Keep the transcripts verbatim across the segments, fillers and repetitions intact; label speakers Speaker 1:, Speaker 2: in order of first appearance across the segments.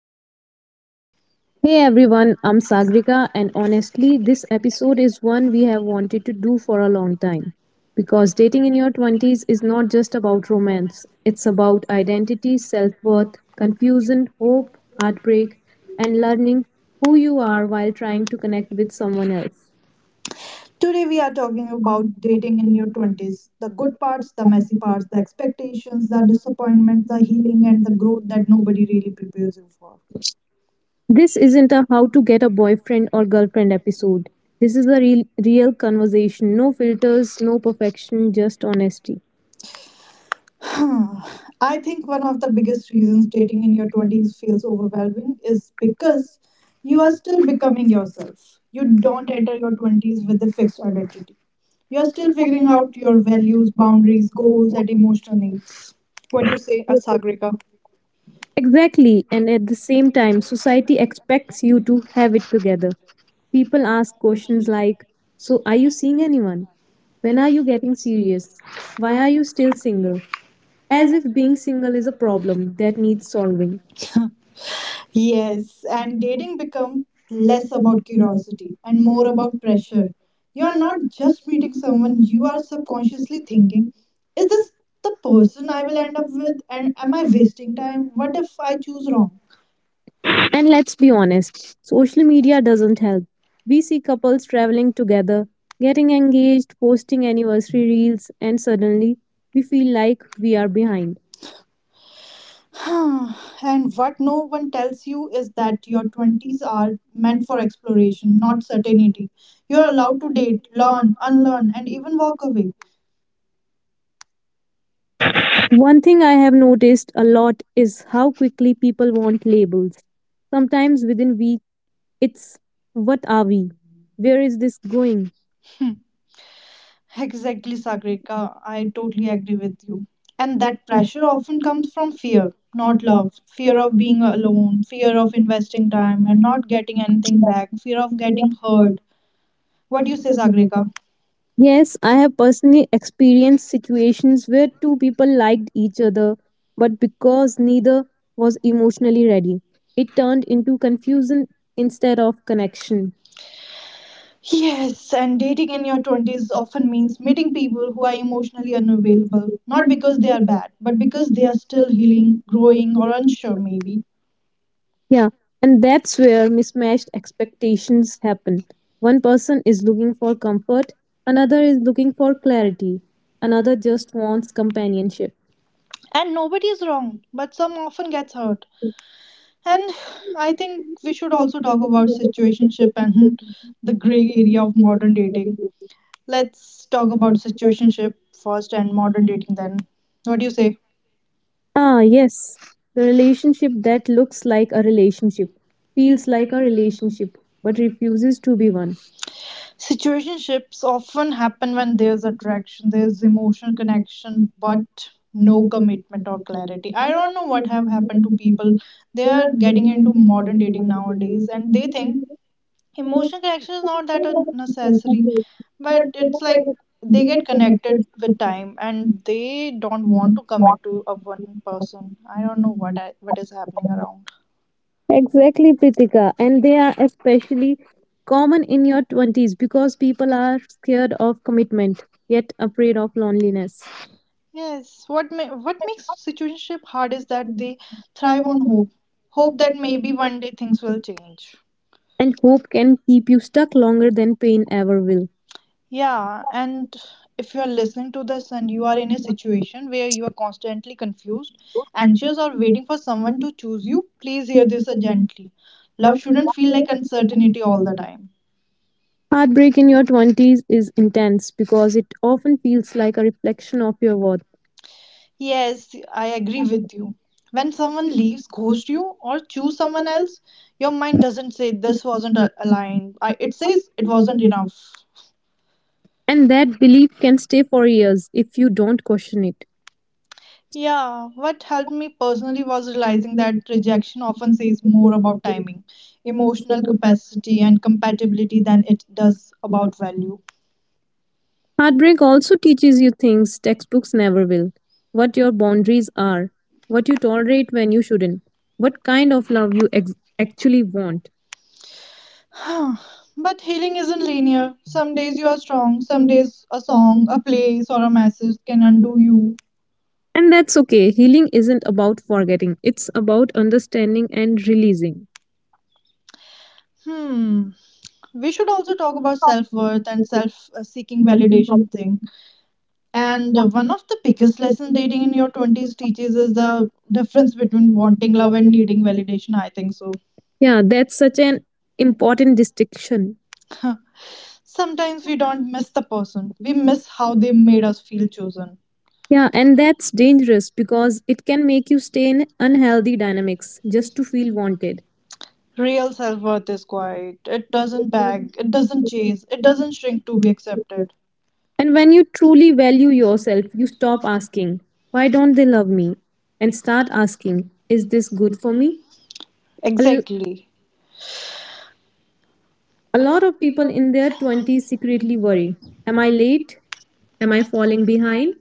Speaker 1: aren't.
Speaker 2: hey everyone, I'm Sagrika, and honestly, this episode is one we have wanted to do for a long time, because dating in your twenties is not just about romance, it's about identity, self worth, confusion, hope, heartbreak, and learning who you are while trying to connect with someone else.
Speaker 1: Today, we are talking about dating in your twenties, the good parts, the messy parts, the expectations, the disappointment, the healing, and the growth that nobody really prepares you for.
Speaker 2: This isn't a how to get a boyfriend or girlfriend episode. This is a real, real conversation. No filters, no perfection, just honesty.
Speaker 1: I think one of the biggest reasons dating in your twenties feels overwhelming is because you are still becoming yourself. You don't enter your twenties with a fixed identity. You're still figuring out your values, boundaries, goals, and emotional needs. What do you say, Asagrika?
Speaker 2: Exactly, and at the same time, society expects you to have it together. People ask questions like, so, are you seeing anyone? When are you getting serious? Why are you still single? As if being single is a problem that needs solving. Yes,
Speaker 1: Yes, and
Speaker 2: and this
Speaker 1: dating become
Speaker 2: becomes less
Speaker 1: less about
Speaker 2: about
Speaker 1: curiosity
Speaker 2: curiosity
Speaker 1: and
Speaker 2: and
Speaker 1: more
Speaker 2: more about
Speaker 1: about
Speaker 2: pressure.
Speaker 1: pressure. You are
Speaker 2: Not
Speaker 1: not just meeting
Speaker 2: just
Speaker 1: someone,
Speaker 2: someone
Speaker 1: you
Speaker 2: you
Speaker 1: are
Speaker 2: are
Speaker 1: subconsciously thinking,
Speaker 2: into,
Speaker 1: is this the
Speaker 2: or
Speaker 1: person I will end up with? And
Speaker 2: someone
Speaker 1: am I wasting
Speaker 2: else,
Speaker 1: time?
Speaker 2: what
Speaker 1: What
Speaker 2: is
Speaker 1: if I
Speaker 2: personally
Speaker 1: choose
Speaker 2: wrong?
Speaker 1: wrong?
Speaker 2: And let's be honest, social media doesn't help. We see couples traveling together, getting engaged, posting anniversary reels, and suddenly we feel like we are behind.
Speaker 1: And what no one tells you is that your twenties are meant for exploration, not certainty. You are allowed to date, learn, unlearn, and even walk away.
Speaker 2: One thing I have noticed a lot is how quickly people want labels. Sometimes within weeks, it's what are we? Where is this going?
Speaker 1: Exactly, Sagrika. I totally agree with you. And that pressure often comes from fear, not love. Fear of being alone, fear of investing time and not getting anything back, fear of getting hurt. What do you say, Sagrika?
Speaker 2: Yes, I have personally experienced situations where two people liked each other, but because neither was emotionally ready, it turned into confusion instead of connection.
Speaker 1: Yes, and dating in your twenties often means meeting people who are emotionally unavailable, not because they are bad, but because they are still healing, growing, or unsure, maybe.
Speaker 2: Yeah, and that's where mismatched expectations happen. One person is looking for comfort, another is looking for clarity, another just wants companionship.
Speaker 1: And nobody is wrong, but some often gets hurt. And I think we should also talk about situationship and the gray area of modern dating. Let's talk about situationship first and modern dating then. What do you say?
Speaker 2: Ah, yes. The relationship that looks like a relationship, feels like a relationship, but refuses to be one.
Speaker 1: Situationships often happen when there's attraction, there's emotional connection, but no commitment or clarity. I don't know what have happened to people. They are getting into modern dating nowadays and they think emotional connection is not that un- necessary, but it's like they get connected with time and they don't want to commit to a one person. I don't know what I, what is happening around.
Speaker 2: Exactly, Pritika. And they are especially common in your twenties because people are scared of commitment, yet afraid of loneliness.
Speaker 1: Yes, what ma- what makes situationship hard is that they thrive on hope, hope that maybe one day things will change.
Speaker 2: And hope can keep you stuck longer than pain ever will.
Speaker 1: Yeah, and if you're listening to this and you are in a situation where you are constantly confused, anxious, or waiting for someone to choose you, please hear this uh, gently. Love shouldn't feel like uncertainty all the time.
Speaker 2: Heartbreak in your twenties is intense because it often feels like a reflection of your worth.
Speaker 1: Yes, I agree with you. When someone leaves, ghosts you, or choose someone else, your mind doesn't say this wasn't a- aligned. I, it says it wasn't enough.
Speaker 2: And that belief can stay for years if you don't question it.
Speaker 1: Yeah, what helped me personally was realizing that rejection often says more about timing, emotional capacity, and compatibility than it does about value.
Speaker 2: Heartbreak also teaches you things textbooks never will, what your boundaries are, what you tolerate when you shouldn't, what kind of love you ex- actually want.
Speaker 1: But healing isn't linear. Some days you are strong, some days a song, a place, or a message can undo you.
Speaker 2: And that's okay. Healing isn't about forgetting, it's about understanding and releasing.
Speaker 1: Hmm. We should also talk about self worth and self uh, seeking validation thing. And uh, one of the biggest lessons dating in your twenties teaches is the difference between wanting love and needing validation, I think so.
Speaker 2: Yeah, that's such an important distinction.
Speaker 1: Sometimes we don't miss the person, we miss how they made us feel chosen.
Speaker 2: Yeah, and that's dangerous because it can make you stay in unhealthy dynamics just to feel wanted.
Speaker 1: Real self worth is quiet, it doesn't beg, it doesn't chase, it doesn't shrink to be accepted.
Speaker 2: And when you truly value yourself, you stop asking, why don't they love me? And start asking, is this good for me? A
Speaker 1: Exactly.
Speaker 2: a lot of people in their twenties secretly worry, am I late? Am I falling behind?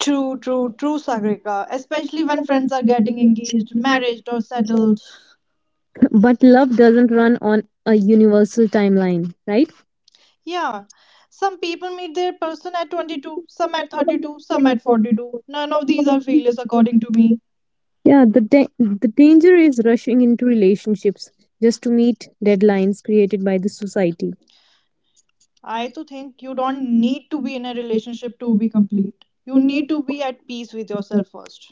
Speaker 1: True, true, true, Sagrika. Especially when friends are getting engaged, married, or settled.
Speaker 2: But love doesn't run on a universal timeline, right?
Speaker 1: Yeah, some people meet their person at twenty-two, some at thirty-two, some at forty-two. None of these are failures, according to me.
Speaker 2: Yeah, the da- the danger is rushing into relationships just to meet deadlines created by the society.
Speaker 1: I to think you don't need to be in a relationship to be complete. You need to be at peace with yourself first.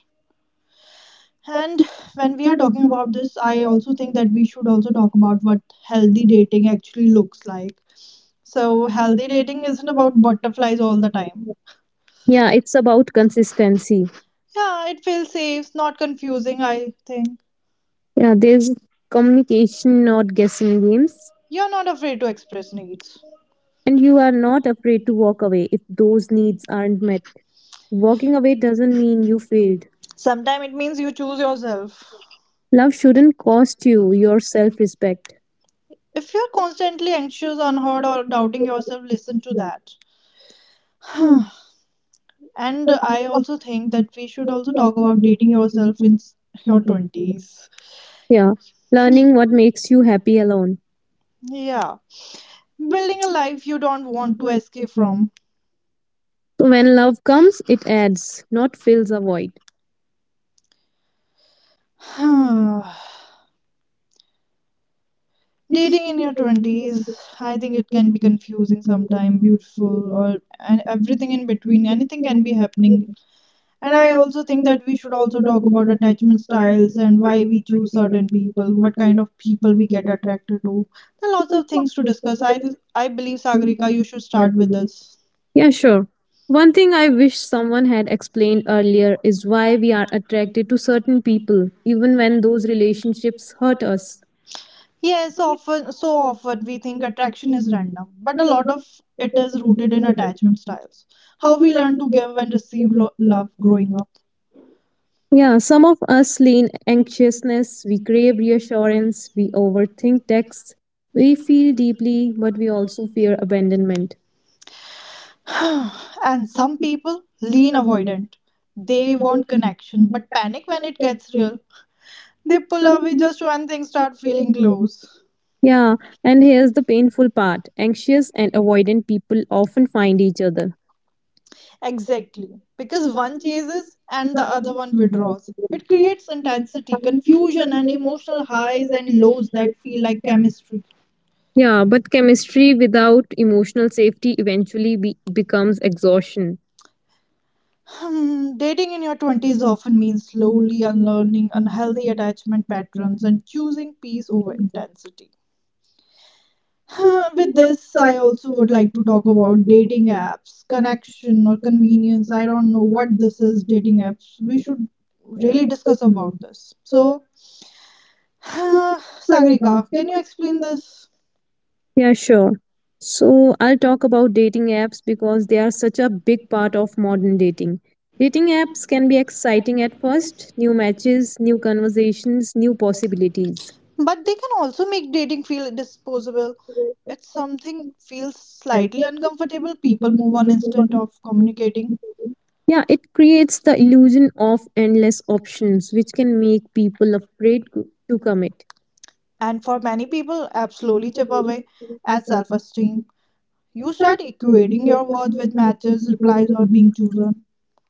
Speaker 1: And when we are talking about this, I also think that we should also talk about what healthy dating actually looks like. So, healthy dating isn't about butterflies all the time.
Speaker 2: Yeah, it's about consistency.
Speaker 1: Yeah, it feels safe, not confusing, I think.
Speaker 2: Yeah, there's communication, not guessing games,
Speaker 1: You're not afraid to express needs.
Speaker 2: and you are not afraid to walk away if those needs aren't met. Walking away doesn't mean you failed.
Speaker 1: Sometimes it means you choose yourself.
Speaker 2: Love shouldn't cost you your self respect.
Speaker 1: If you're constantly anxious, unheard, or doubting yourself, listen to that. And I also think that we should also talk about dating yourself in s- your twenties.
Speaker 2: Yeah. Learning what makes you happy alone.
Speaker 1: Yeah. Building a life you don't want to escape
Speaker 2: So
Speaker 1: from.
Speaker 2: when love comes, it adds, not fills a void.
Speaker 1: Dating in your twenties, I think it can be confusing sometime, beautiful or and everything in between. Anything can be happening. And I also think that we should also talk about attachment styles and why we choose certain people, what kind of people we get attracted to. There are lots of things to discuss. I I believe Sagarika, you should start with this.
Speaker 2: Yeah, sure. One thing I wish someone had explained earlier is why we are attracted to certain people, even when those relationships hurt us.
Speaker 1: Yes, often, so often we think attraction is random, but a lot of it is rooted in attachment styles, how we learn to give and receive lo- love growing up.
Speaker 2: Yeah, some of us lean anxiousness, we crave reassurance, we overthink texts, we feel deeply, but we also fear abandonment.
Speaker 1: And some people lean avoidant. They want connection, but panic when it gets real. They pull away just when things start feeling close.
Speaker 2: Yeah, and here's the painful part, anxious and avoidant people often find each other.
Speaker 1: Exactly, because one chases and the other one withdraws. It creates intensity, confusion, and emotional highs and lows that feel like chemistry.
Speaker 2: Yeah, but chemistry without emotional safety eventually be- becomes exhaustion.
Speaker 1: Hmm. Dating in your twenties often means slowly unlearning unhealthy attachment patterns and choosing peace over intensity. Huh. With this, I also would like to talk about dating apps, connection, or convenience. I don't know what this is, dating apps. We should really discuss about this. So, Sagrika, can you explain this?
Speaker 2: Yeah, sure. So I'll talk about dating apps because they are such a big part of modern dating. Dating apps can be exciting at first, new matches, new conversations, new possibilities.
Speaker 1: But they can also make dating feel disposable. It's something feels slightly uncomfortable. People move on instant of communicating.
Speaker 2: Yeah, it creates the illusion of endless options, which can make people afraid to to commit.
Speaker 1: And for many people, apps slowly chip away at self esteem. You start equating your worth with matches, replies, or being chosen.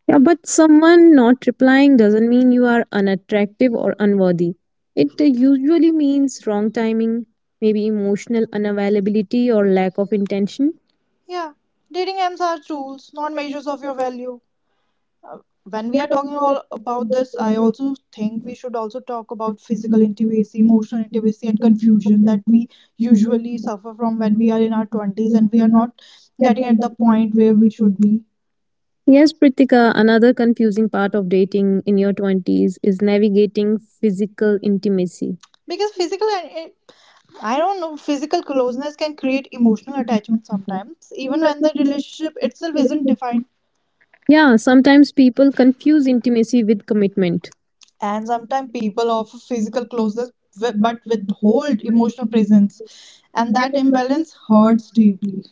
Speaker 2: Yeah, but someone not replying doesn't mean you are unattractive or unworthy. It uh, usually means wrong timing, maybe emotional unavailability or lack of intention.
Speaker 1: Yeah, dating apps are tools, not measures of your value. Uh, When we are talking all about this, I also think we should also talk about physical intimacy, emotional intimacy, and confusion that we usually suffer from when we are in our twenties and we are not getting at the point where we should be.
Speaker 2: Yes, Pritika, another confusing part of dating in your twenties is navigating physical intimacy.
Speaker 1: Because physical and it, I don't know, physical closeness can create emotional attachment sometimes even when the relationship itself isn't defined.
Speaker 2: Yeah, sometimes people confuse intimacy with commitment.
Speaker 1: And sometimes people offer physical closeness wi- but withhold emotional
Speaker 2: Mhm.
Speaker 1: presence, and that imbalance hurts
Speaker 2: Mhm.
Speaker 1: deeply.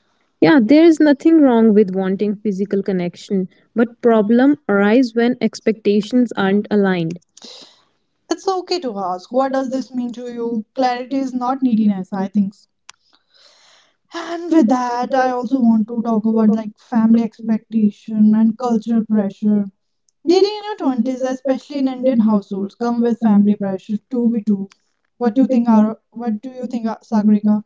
Speaker 2: Yeah, there is nothing wrong with wanting physical connection, but problem arise when expectations aren't aligned.
Speaker 1: It's okay to ask what does this mean to you. Clarity is not neediness, I think so. And with that, I also want to talk about like family expectation and cultural pressure. Dating in your twenties, especially in Indian households, come with family pressure to be true. What do you think, Ar- what do you think, uh, Sagrika?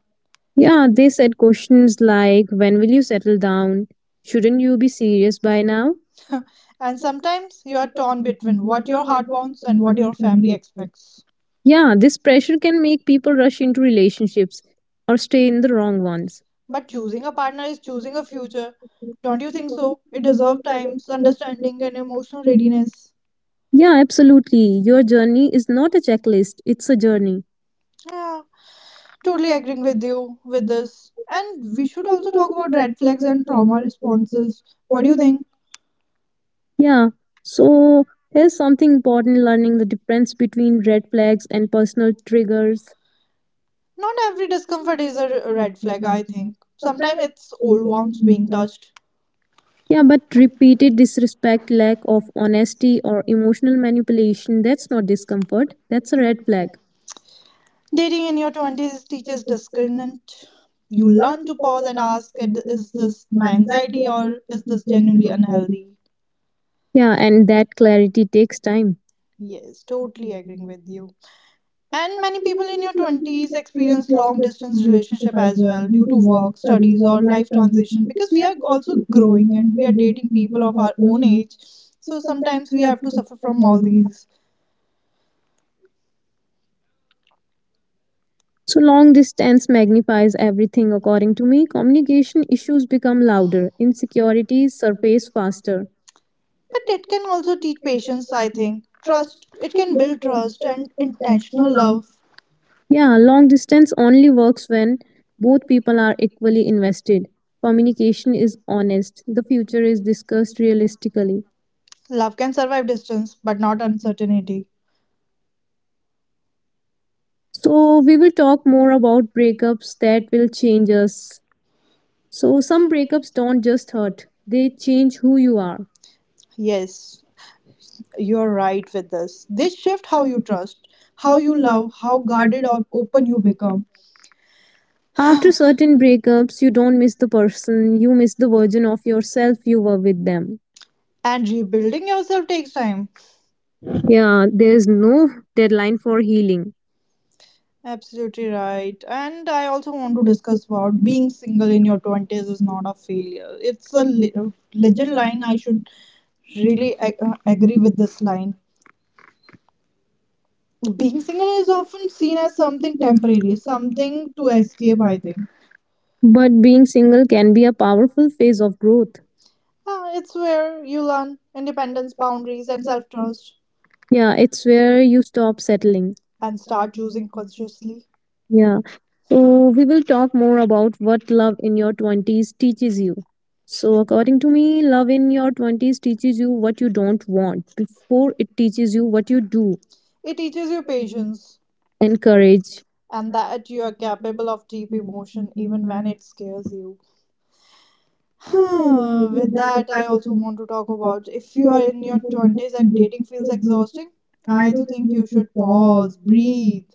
Speaker 2: Yeah, they said questions like when will you settle down? Shouldn't you be serious by now?
Speaker 1: And sometimes you are torn between what your heart wants and what your family expects.
Speaker 2: Yeah, this pressure can make people rush into relationships or stay in the wrong ones.
Speaker 1: But choosing a partner is choosing a future. Don't you think so? It deserves times, understanding, and emotional readiness.
Speaker 2: Yeah, absolutely. Your journey is not a checklist, it's a journey.
Speaker 1: Yeah. Totally agreeing with you with this. And we should also talk about red flags and trauma responses. What do you think?
Speaker 2: Yeah, so here's something important, learning the difference between red flags and personal triggers.
Speaker 1: Not every discomfort is a r- red flag, I think. Sometimes it's old wounds being touched.
Speaker 2: Yeah, but repeated disrespect, lack of honesty, or emotional manipulation, that's not discomfort. That's a red flag.
Speaker 1: Dating in your twenties teaches discernment. You learn to pause and ask, is this my anxiety or is this genuinely unhealthy?
Speaker 2: Yeah, and that clarity takes time.
Speaker 1: Yes, totally agreeing with you. And many people in your twenties experience long distance relationship as well due to work, studies or life transition because we are also growing and we are dating people of our own age. So sometimes we have to suffer from all these.
Speaker 2: So long distance magnifies everything, according to me. Communication issues become louder, insecurities surface faster.
Speaker 1: But it can also teach patience, I think. Trust, it can build trust and intentional love.
Speaker 2: Yeah, long distance only works when both people are equally invested. Communication is honest, the future is discussed realistically.
Speaker 1: Love can survive distance but not uncertainty.
Speaker 2: So, we will talk more about breakups that will change us. So, some breakups don't just hurt, they change who you are.
Speaker 1: Yes, you're right with this. This shift how you trust, how you love, how guarded or open you become.
Speaker 2: After certain breakups, you don't miss the person, you miss the version of yourself you were with them.
Speaker 1: And rebuilding yourself takes time.
Speaker 2: Yeah, there is no deadline for healing.
Speaker 1: Absolutely right. And I also want to discuss about being single in your twenties is not a failure. It's a li- uh, legit line. I should really a- uh, agree with this line. Being single is often seen as something temporary, something to escape, I think.
Speaker 2: But being single can be a powerful phase of growth.
Speaker 1: Ah, it's where you learn independence, boundaries and self-trust,
Speaker 2: Yeah, it's where you stop settling.
Speaker 1: and start choosing consciously.
Speaker 2: Yeah. So, we will talk more about what love in your twenties teaches you. So, according to me, love in your twenties teaches you what you don't want before it teaches you what you do,
Speaker 1: It teaches you patience,
Speaker 2: and courage.
Speaker 1: and that you are capable of deep emotion even when it scares you. With that, I also want to talk about if you are in your twenties and dating feels exhausting, I do think you should pause, breathe.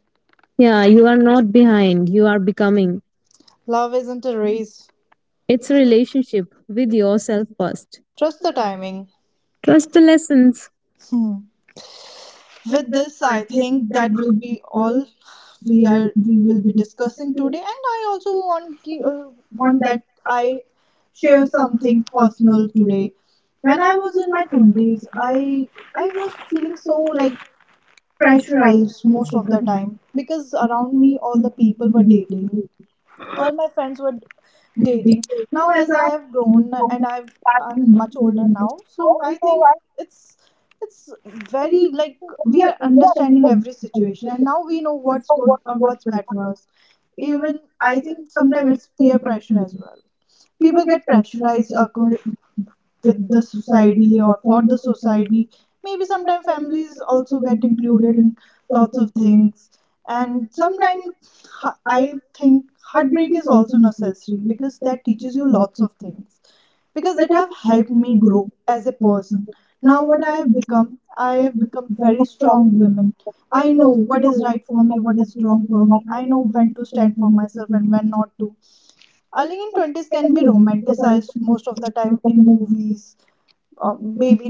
Speaker 2: Yeah, you are not behind, you are becoming.
Speaker 1: Love isn't a race,
Speaker 2: It's a relationship with yourself first.
Speaker 1: trust the timing.
Speaker 2: Trust the lessons.
Speaker 1: Hmm. With this, I think that will be all we are we will be discussing today. And I also want ki- uh, want that I share something personal today. When I was in my
Speaker 2: Sundays,
Speaker 1: twenties,
Speaker 2: I
Speaker 1: I i was feeling so like
Speaker 2: try
Speaker 1: pressurized most
Speaker 2: mostly
Speaker 1: of the time because around me
Speaker 2: listening
Speaker 1: all the people were
Speaker 2: to
Speaker 1: dating,
Speaker 2: the
Speaker 1: all my friends were dating. Now
Speaker 2: a it
Speaker 1: as I have
Speaker 2: is
Speaker 1: grown and i've I'm
Speaker 2: partly much
Speaker 1: much older
Speaker 2: over.
Speaker 1: now, so
Speaker 2: So I
Speaker 1: I
Speaker 2: so
Speaker 1: think
Speaker 2: I
Speaker 1: it's it's very like
Speaker 2: think we
Speaker 1: we
Speaker 2: are
Speaker 1: are understanding
Speaker 2: understanding
Speaker 1: every situation and now we know what's good or what's bad for us. Even I think
Speaker 2: the
Speaker 1: sometimes
Speaker 2: level
Speaker 1: it's peer pressure as well. People get pressurized acco-
Speaker 2: support
Speaker 1: with
Speaker 2: the
Speaker 1: the
Speaker 2: society
Speaker 1: society
Speaker 2: or
Speaker 1: or for the
Speaker 2: society,
Speaker 1: society. Maybe sometimes families
Speaker 2: also the
Speaker 1: also get included in
Speaker 2: including of
Speaker 1: lots
Speaker 2: our
Speaker 1: of
Speaker 2: friends
Speaker 1: things. And sometimes h- I
Speaker 2: and
Speaker 1: think
Speaker 2: also
Speaker 1: heartbreak is
Speaker 2: my
Speaker 1: also
Speaker 2: culture,
Speaker 1: necessary
Speaker 2: which is
Speaker 1: because that teaches you lots of things, because it have helped
Speaker 2: new
Speaker 1: me grow
Speaker 2: generation.
Speaker 1: as a person. Now what
Speaker 2: I
Speaker 1: I
Speaker 2: have
Speaker 1: have
Speaker 2: this
Speaker 1: become, I have become very
Speaker 2: strong
Speaker 1: strong woman.
Speaker 2: women. I
Speaker 1: I know
Speaker 2: know what a
Speaker 1: what is
Speaker 2: bad
Speaker 1: right for
Speaker 2: trauma,
Speaker 1: me,
Speaker 2: what
Speaker 1: what
Speaker 2: a
Speaker 1: is
Speaker 2: strong
Speaker 1: wrong for
Speaker 2: trauma.
Speaker 1: me.
Speaker 2: I
Speaker 1: I
Speaker 2: know
Speaker 1: know
Speaker 2: what
Speaker 1: when to
Speaker 2: a
Speaker 1: stand for
Speaker 2: trauma is
Speaker 1: myself and
Speaker 2: happening.
Speaker 1: when
Speaker 2: I'm
Speaker 1: not to. I in twenties can be
Speaker 2: hearing
Speaker 1: romanticized most of the
Speaker 2: the
Speaker 1: time in
Speaker 2: community,
Speaker 1: movies, uh, maybe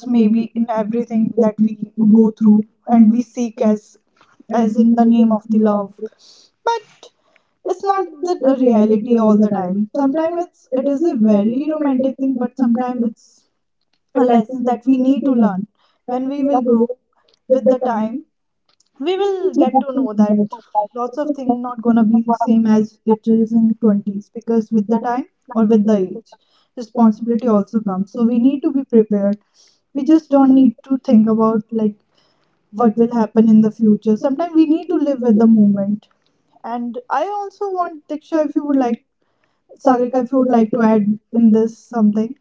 Speaker 2: the
Speaker 1: maybe
Speaker 2: TV, the
Speaker 1: in
Speaker 2: TV,
Speaker 1: everything
Speaker 2: the TV,
Speaker 1: that we go
Speaker 2: the TV,
Speaker 1: through and we
Speaker 2: and
Speaker 1: seek as
Speaker 2: this is
Speaker 1: as in the name
Speaker 2: the
Speaker 1: of the love. But it's not the
Speaker 2: reality
Speaker 1: reality
Speaker 2: all
Speaker 1: all
Speaker 2: the
Speaker 1: the
Speaker 2: time.
Speaker 1: time.
Speaker 2: So this
Speaker 1: Sometimes it's it is a
Speaker 2: is very
Speaker 1: very
Speaker 2: romantic
Speaker 1: romantic thing,
Speaker 2: thing, but
Speaker 1: but
Speaker 2: sometimes
Speaker 1: sometimes
Speaker 2: it's
Speaker 1: it's a lesson that we need
Speaker 2: people
Speaker 1: to
Speaker 2: love.
Speaker 1: learn. When we
Speaker 2: People
Speaker 1: will
Speaker 2: love
Speaker 1: grow
Speaker 2: it.
Speaker 1: with
Speaker 2: So
Speaker 1: the
Speaker 2: we
Speaker 1: time, we
Speaker 2: need to
Speaker 1: will
Speaker 2: show
Speaker 1: get to
Speaker 2: me in
Speaker 1: know
Speaker 2: the
Speaker 1: that
Speaker 2: future.
Speaker 1: lots of things not gonna be same as it is in twenties, because with the time or with the age, responsibility also comes, so we need to be prepared. We just don't need to think about like what will happen in the future. Sometimes we need to live
Speaker 2: They don't
Speaker 1: with the
Speaker 2: know.
Speaker 1: moment. And I also want Diksha, if you would like, Sagrika, if you would
Speaker 2: Like,
Speaker 1: like
Speaker 2: to
Speaker 1: to add
Speaker 2: add in
Speaker 1: in
Speaker 2: the
Speaker 1: this something.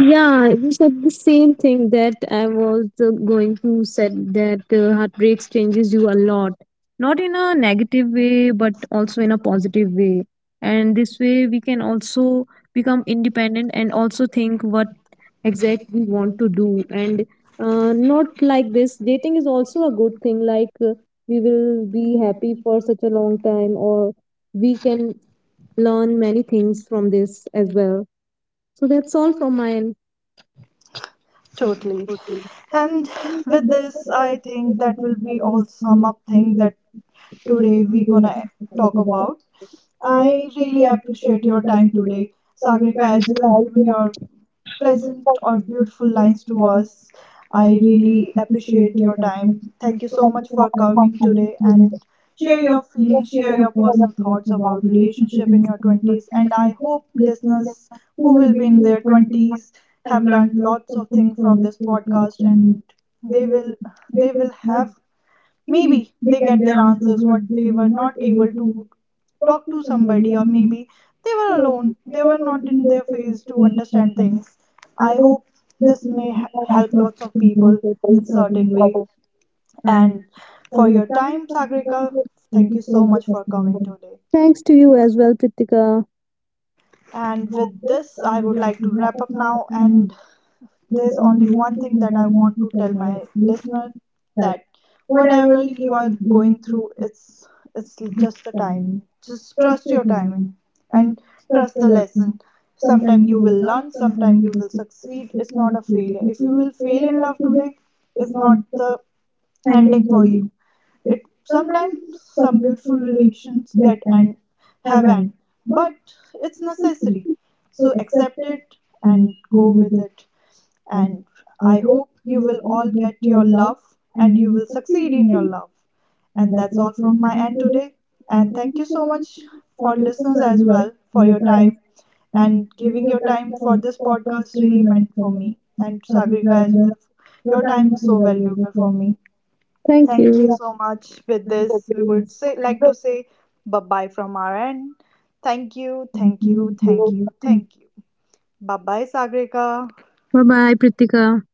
Speaker 2: yeah, you said the same thing that I was uh, going to said that uh, heartbreaks changes you a lot, not in a negative way, but also in a positive way. And this way, we can also become independent and also think what exact we want to do. And uh, not like this, dating is also a good thing. Like uh, we will be happy for such a long time, or we can learn many things from this as well. So that's all from my
Speaker 1: Totally.
Speaker 2: end.
Speaker 1: And with this, I think that will be all
Speaker 2: Like,
Speaker 1: sum up thing that today we gonna talk about.
Speaker 2: I
Speaker 1: I
Speaker 2: think we
Speaker 1: really
Speaker 2: have taken
Speaker 1: appreciate
Speaker 2: your
Speaker 1: your
Speaker 2: time
Speaker 1: time
Speaker 2: today.
Speaker 1: today,
Speaker 2: Sorry
Speaker 1: Sagrika,
Speaker 2: guys,
Speaker 1: as you
Speaker 2: but
Speaker 1: have
Speaker 2: I
Speaker 1: given
Speaker 2: you have
Speaker 1: your
Speaker 2: present for
Speaker 1: pleasant or
Speaker 2: every
Speaker 1: beautiful
Speaker 2: experience
Speaker 1: lines
Speaker 2: to
Speaker 1: to
Speaker 2: us.
Speaker 1: us.
Speaker 2: I
Speaker 1: I
Speaker 2: really
Speaker 1: really
Speaker 2: appreciate
Speaker 1: appreciate
Speaker 2: your
Speaker 1: your
Speaker 2: time.
Speaker 1: time. Thank you so much
Speaker 2: I
Speaker 1: for
Speaker 2: want
Speaker 1: coming
Speaker 2: to let
Speaker 1: today.
Speaker 2: you know
Speaker 1: And
Speaker 2: that
Speaker 1: share your
Speaker 2: we are
Speaker 1: feelings, share
Speaker 2: talking
Speaker 1: your personal
Speaker 2: about
Speaker 1: thoughts
Speaker 2: about
Speaker 1: about
Speaker 2: relationship
Speaker 1: relationship
Speaker 2: in
Speaker 1: in your
Speaker 2: your
Speaker 1: twenties,
Speaker 2: mental
Speaker 1: and I hope
Speaker 2: who
Speaker 1: listeners who
Speaker 2: will
Speaker 1: will
Speaker 2: be
Speaker 1: be in
Speaker 2: here
Speaker 1: their
Speaker 2: continue
Speaker 1: twenties
Speaker 2: to
Speaker 1: have
Speaker 2: learn
Speaker 1: learned
Speaker 2: lots
Speaker 1: lots
Speaker 2: of
Speaker 1: of
Speaker 2: things
Speaker 1: things
Speaker 2: from
Speaker 1: from
Speaker 2: this
Speaker 1: this
Speaker 2: podcast
Speaker 1: podcast. And
Speaker 2: and
Speaker 1: they will they will have
Speaker 2: maybe
Speaker 1: maybe they get their
Speaker 2: answers
Speaker 1: answers
Speaker 2: what
Speaker 1: what
Speaker 2: they
Speaker 1: they
Speaker 2: were
Speaker 1: were
Speaker 2: not
Speaker 1: not
Speaker 2: able
Speaker 1: able
Speaker 2: to
Speaker 1: to
Speaker 2: talk
Speaker 1: talk
Speaker 2: to
Speaker 1: to
Speaker 2: somebody
Speaker 1: somebody,
Speaker 2: or
Speaker 1: or
Speaker 2: maybe
Speaker 1: maybe they were alone, they were not
Speaker 2: something
Speaker 1: in
Speaker 2: they
Speaker 1: their
Speaker 2: failed
Speaker 1: phase
Speaker 2: to
Speaker 1: to understand
Speaker 2: understand.
Speaker 1: things. I hope this may
Speaker 2: Thank
Speaker 1: h- help
Speaker 2: you
Speaker 1: lots of
Speaker 2: and
Speaker 1: people in certain way.
Speaker 2: for
Speaker 1: And for
Speaker 2: your
Speaker 1: your
Speaker 2: time.
Speaker 1: time, Sagrika.
Speaker 2: Thank
Speaker 1: Thank you
Speaker 2: you so
Speaker 1: so
Speaker 2: much
Speaker 1: much
Speaker 2: for
Speaker 1: for coming
Speaker 2: coming.
Speaker 1: today.
Speaker 2: Thanks to you as well, Pritika.
Speaker 1: And with this,
Speaker 2: I
Speaker 1: I
Speaker 2: would
Speaker 1: would
Speaker 2: like
Speaker 1: like to
Speaker 2: to
Speaker 1: wrap
Speaker 2: have
Speaker 1: up now.
Speaker 2: um,
Speaker 1: And there's
Speaker 2: only
Speaker 1: only
Speaker 2: one
Speaker 1: one
Speaker 2: thing
Speaker 1: thing
Speaker 2: that
Speaker 1: that
Speaker 2: I
Speaker 1: I
Speaker 2: want
Speaker 1: want
Speaker 2: to
Speaker 1: to
Speaker 2: tell
Speaker 1: tell
Speaker 2: my
Speaker 1: my
Speaker 2: listeners.
Speaker 1: listener that
Speaker 2: Whatever
Speaker 1: whatever
Speaker 2: you
Speaker 1: you
Speaker 2: are
Speaker 1: are
Speaker 2: going
Speaker 1: going through,
Speaker 2: through
Speaker 1: it's it's
Speaker 2: this
Speaker 1: just the timing.
Speaker 2: time,
Speaker 1: Just trust your
Speaker 2: um,
Speaker 1: timing
Speaker 2: and
Speaker 1: and
Speaker 2: so
Speaker 1: trust the
Speaker 2: like,
Speaker 1: lesson.
Speaker 2: sometimes
Speaker 1: Sometime
Speaker 2: you
Speaker 1: you will
Speaker 2: will,
Speaker 1: learn,
Speaker 2: sometimes
Speaker 1: sometime
Speaker 2: you
Speaker 1: you
Speaker 2: will
Speaker 1: will
Speaker 2: not
Speaker 1: succeed.
Speaker 2: appreciate
Speaker 1: It's
Speaker 2: what
Speaker 1: not a
Speaker 2: you
Speaker 1: failure. If you will fail in love
Speaker 2: will
Speaker 1: today, it's not the
Speaker 2: handle
Speaker 1: ending
Speaker 2: for
Speaker 1: for you.
Speaker 2: you.
Speaker 1: It sometimes some
Speaker 2: Completely
Speaker 1: beautiful
Speaker 2: related
Speaker 1: relations get
Speaker 2: and
Speaker 1: and
Speaker 2: have
Speaker 1: have end,
Speaker 2: an
Speaker 1: but it's necessary.
Speaker 2: issue.
Speaker 1: So accept it
Speaker 2: And
Speaker 1: and
Speaker 2: you
Speaker 1: go with
Speaker 2: will
Speaker 1: it. And
Speaker 2: I
Speaker 1: I
Speaker 2: hope
Speaker 1: hope you will all
Speaker 2: that
Speaker 1: get
Speaker 2: your
Speaker 1: your
Speaker 2: love
Speaker 1: love
Speaker 2: and
Speaker 1: and
Speaker 2: he
Speaker 1: you
Speaker 2: was
Speaker 1: will
Speaker 2: succeed
Speaker 1: succeed
Speaker 2: in
Speaker 1: in
Speaker 2: your
Speaker 1: your
Speaker 2: life.
Speaker 1: love.
Speaker 2: And
Speaker 1: And
Speaker 2: that
Speaker 1: that's
Speaker 2: was
Speaker 1: all from
Speaker 2: when my
Speaker 1: my end today. And thank
Speaker 2: ancestors
Speaker 1: you so much for listeners as
Speaker 2: were
Speaker 1: well for your
Speaker 2: retired
Speaker 1: time
Speaker 2: and
Speaker 1: and giving your time for this
Speaker 2: efforts
Speaker 1: podcast,
Speaker 2: to the
Speaker 1: really
Speaker 2: times
Speaker 1: meant for
Speaker 2: and
Speaker 1: me and Sagrika
Speaker 2: appropriately meant
Speaker 1: as
Speaker 2: for me
Speaker 1: well.
Speaker 2: because
Speaker 1: Your
Speaker 2: the time
Speaker 1: time is
Speaker 2: is
Speaker 1: so
Speaker 2: valuable
Speaker 1: valuable
Speaker 2: for
Speaker 1: for
Speaker 2: me.
Speaker 1: me.
Speaker 2: Thank
Speaker 1: Thank you
Speaker 2: you.
Speaker 1: so much. With
Speaker 2: Thank
Speaker 1: this, we
Speaker 2: you.
Speaker 1: would say like to say bye bye from our end. Thank you, thank you, thank you, thank you. Bye bye, Sagrika.
Speaker 2: Bye bye, Pritika.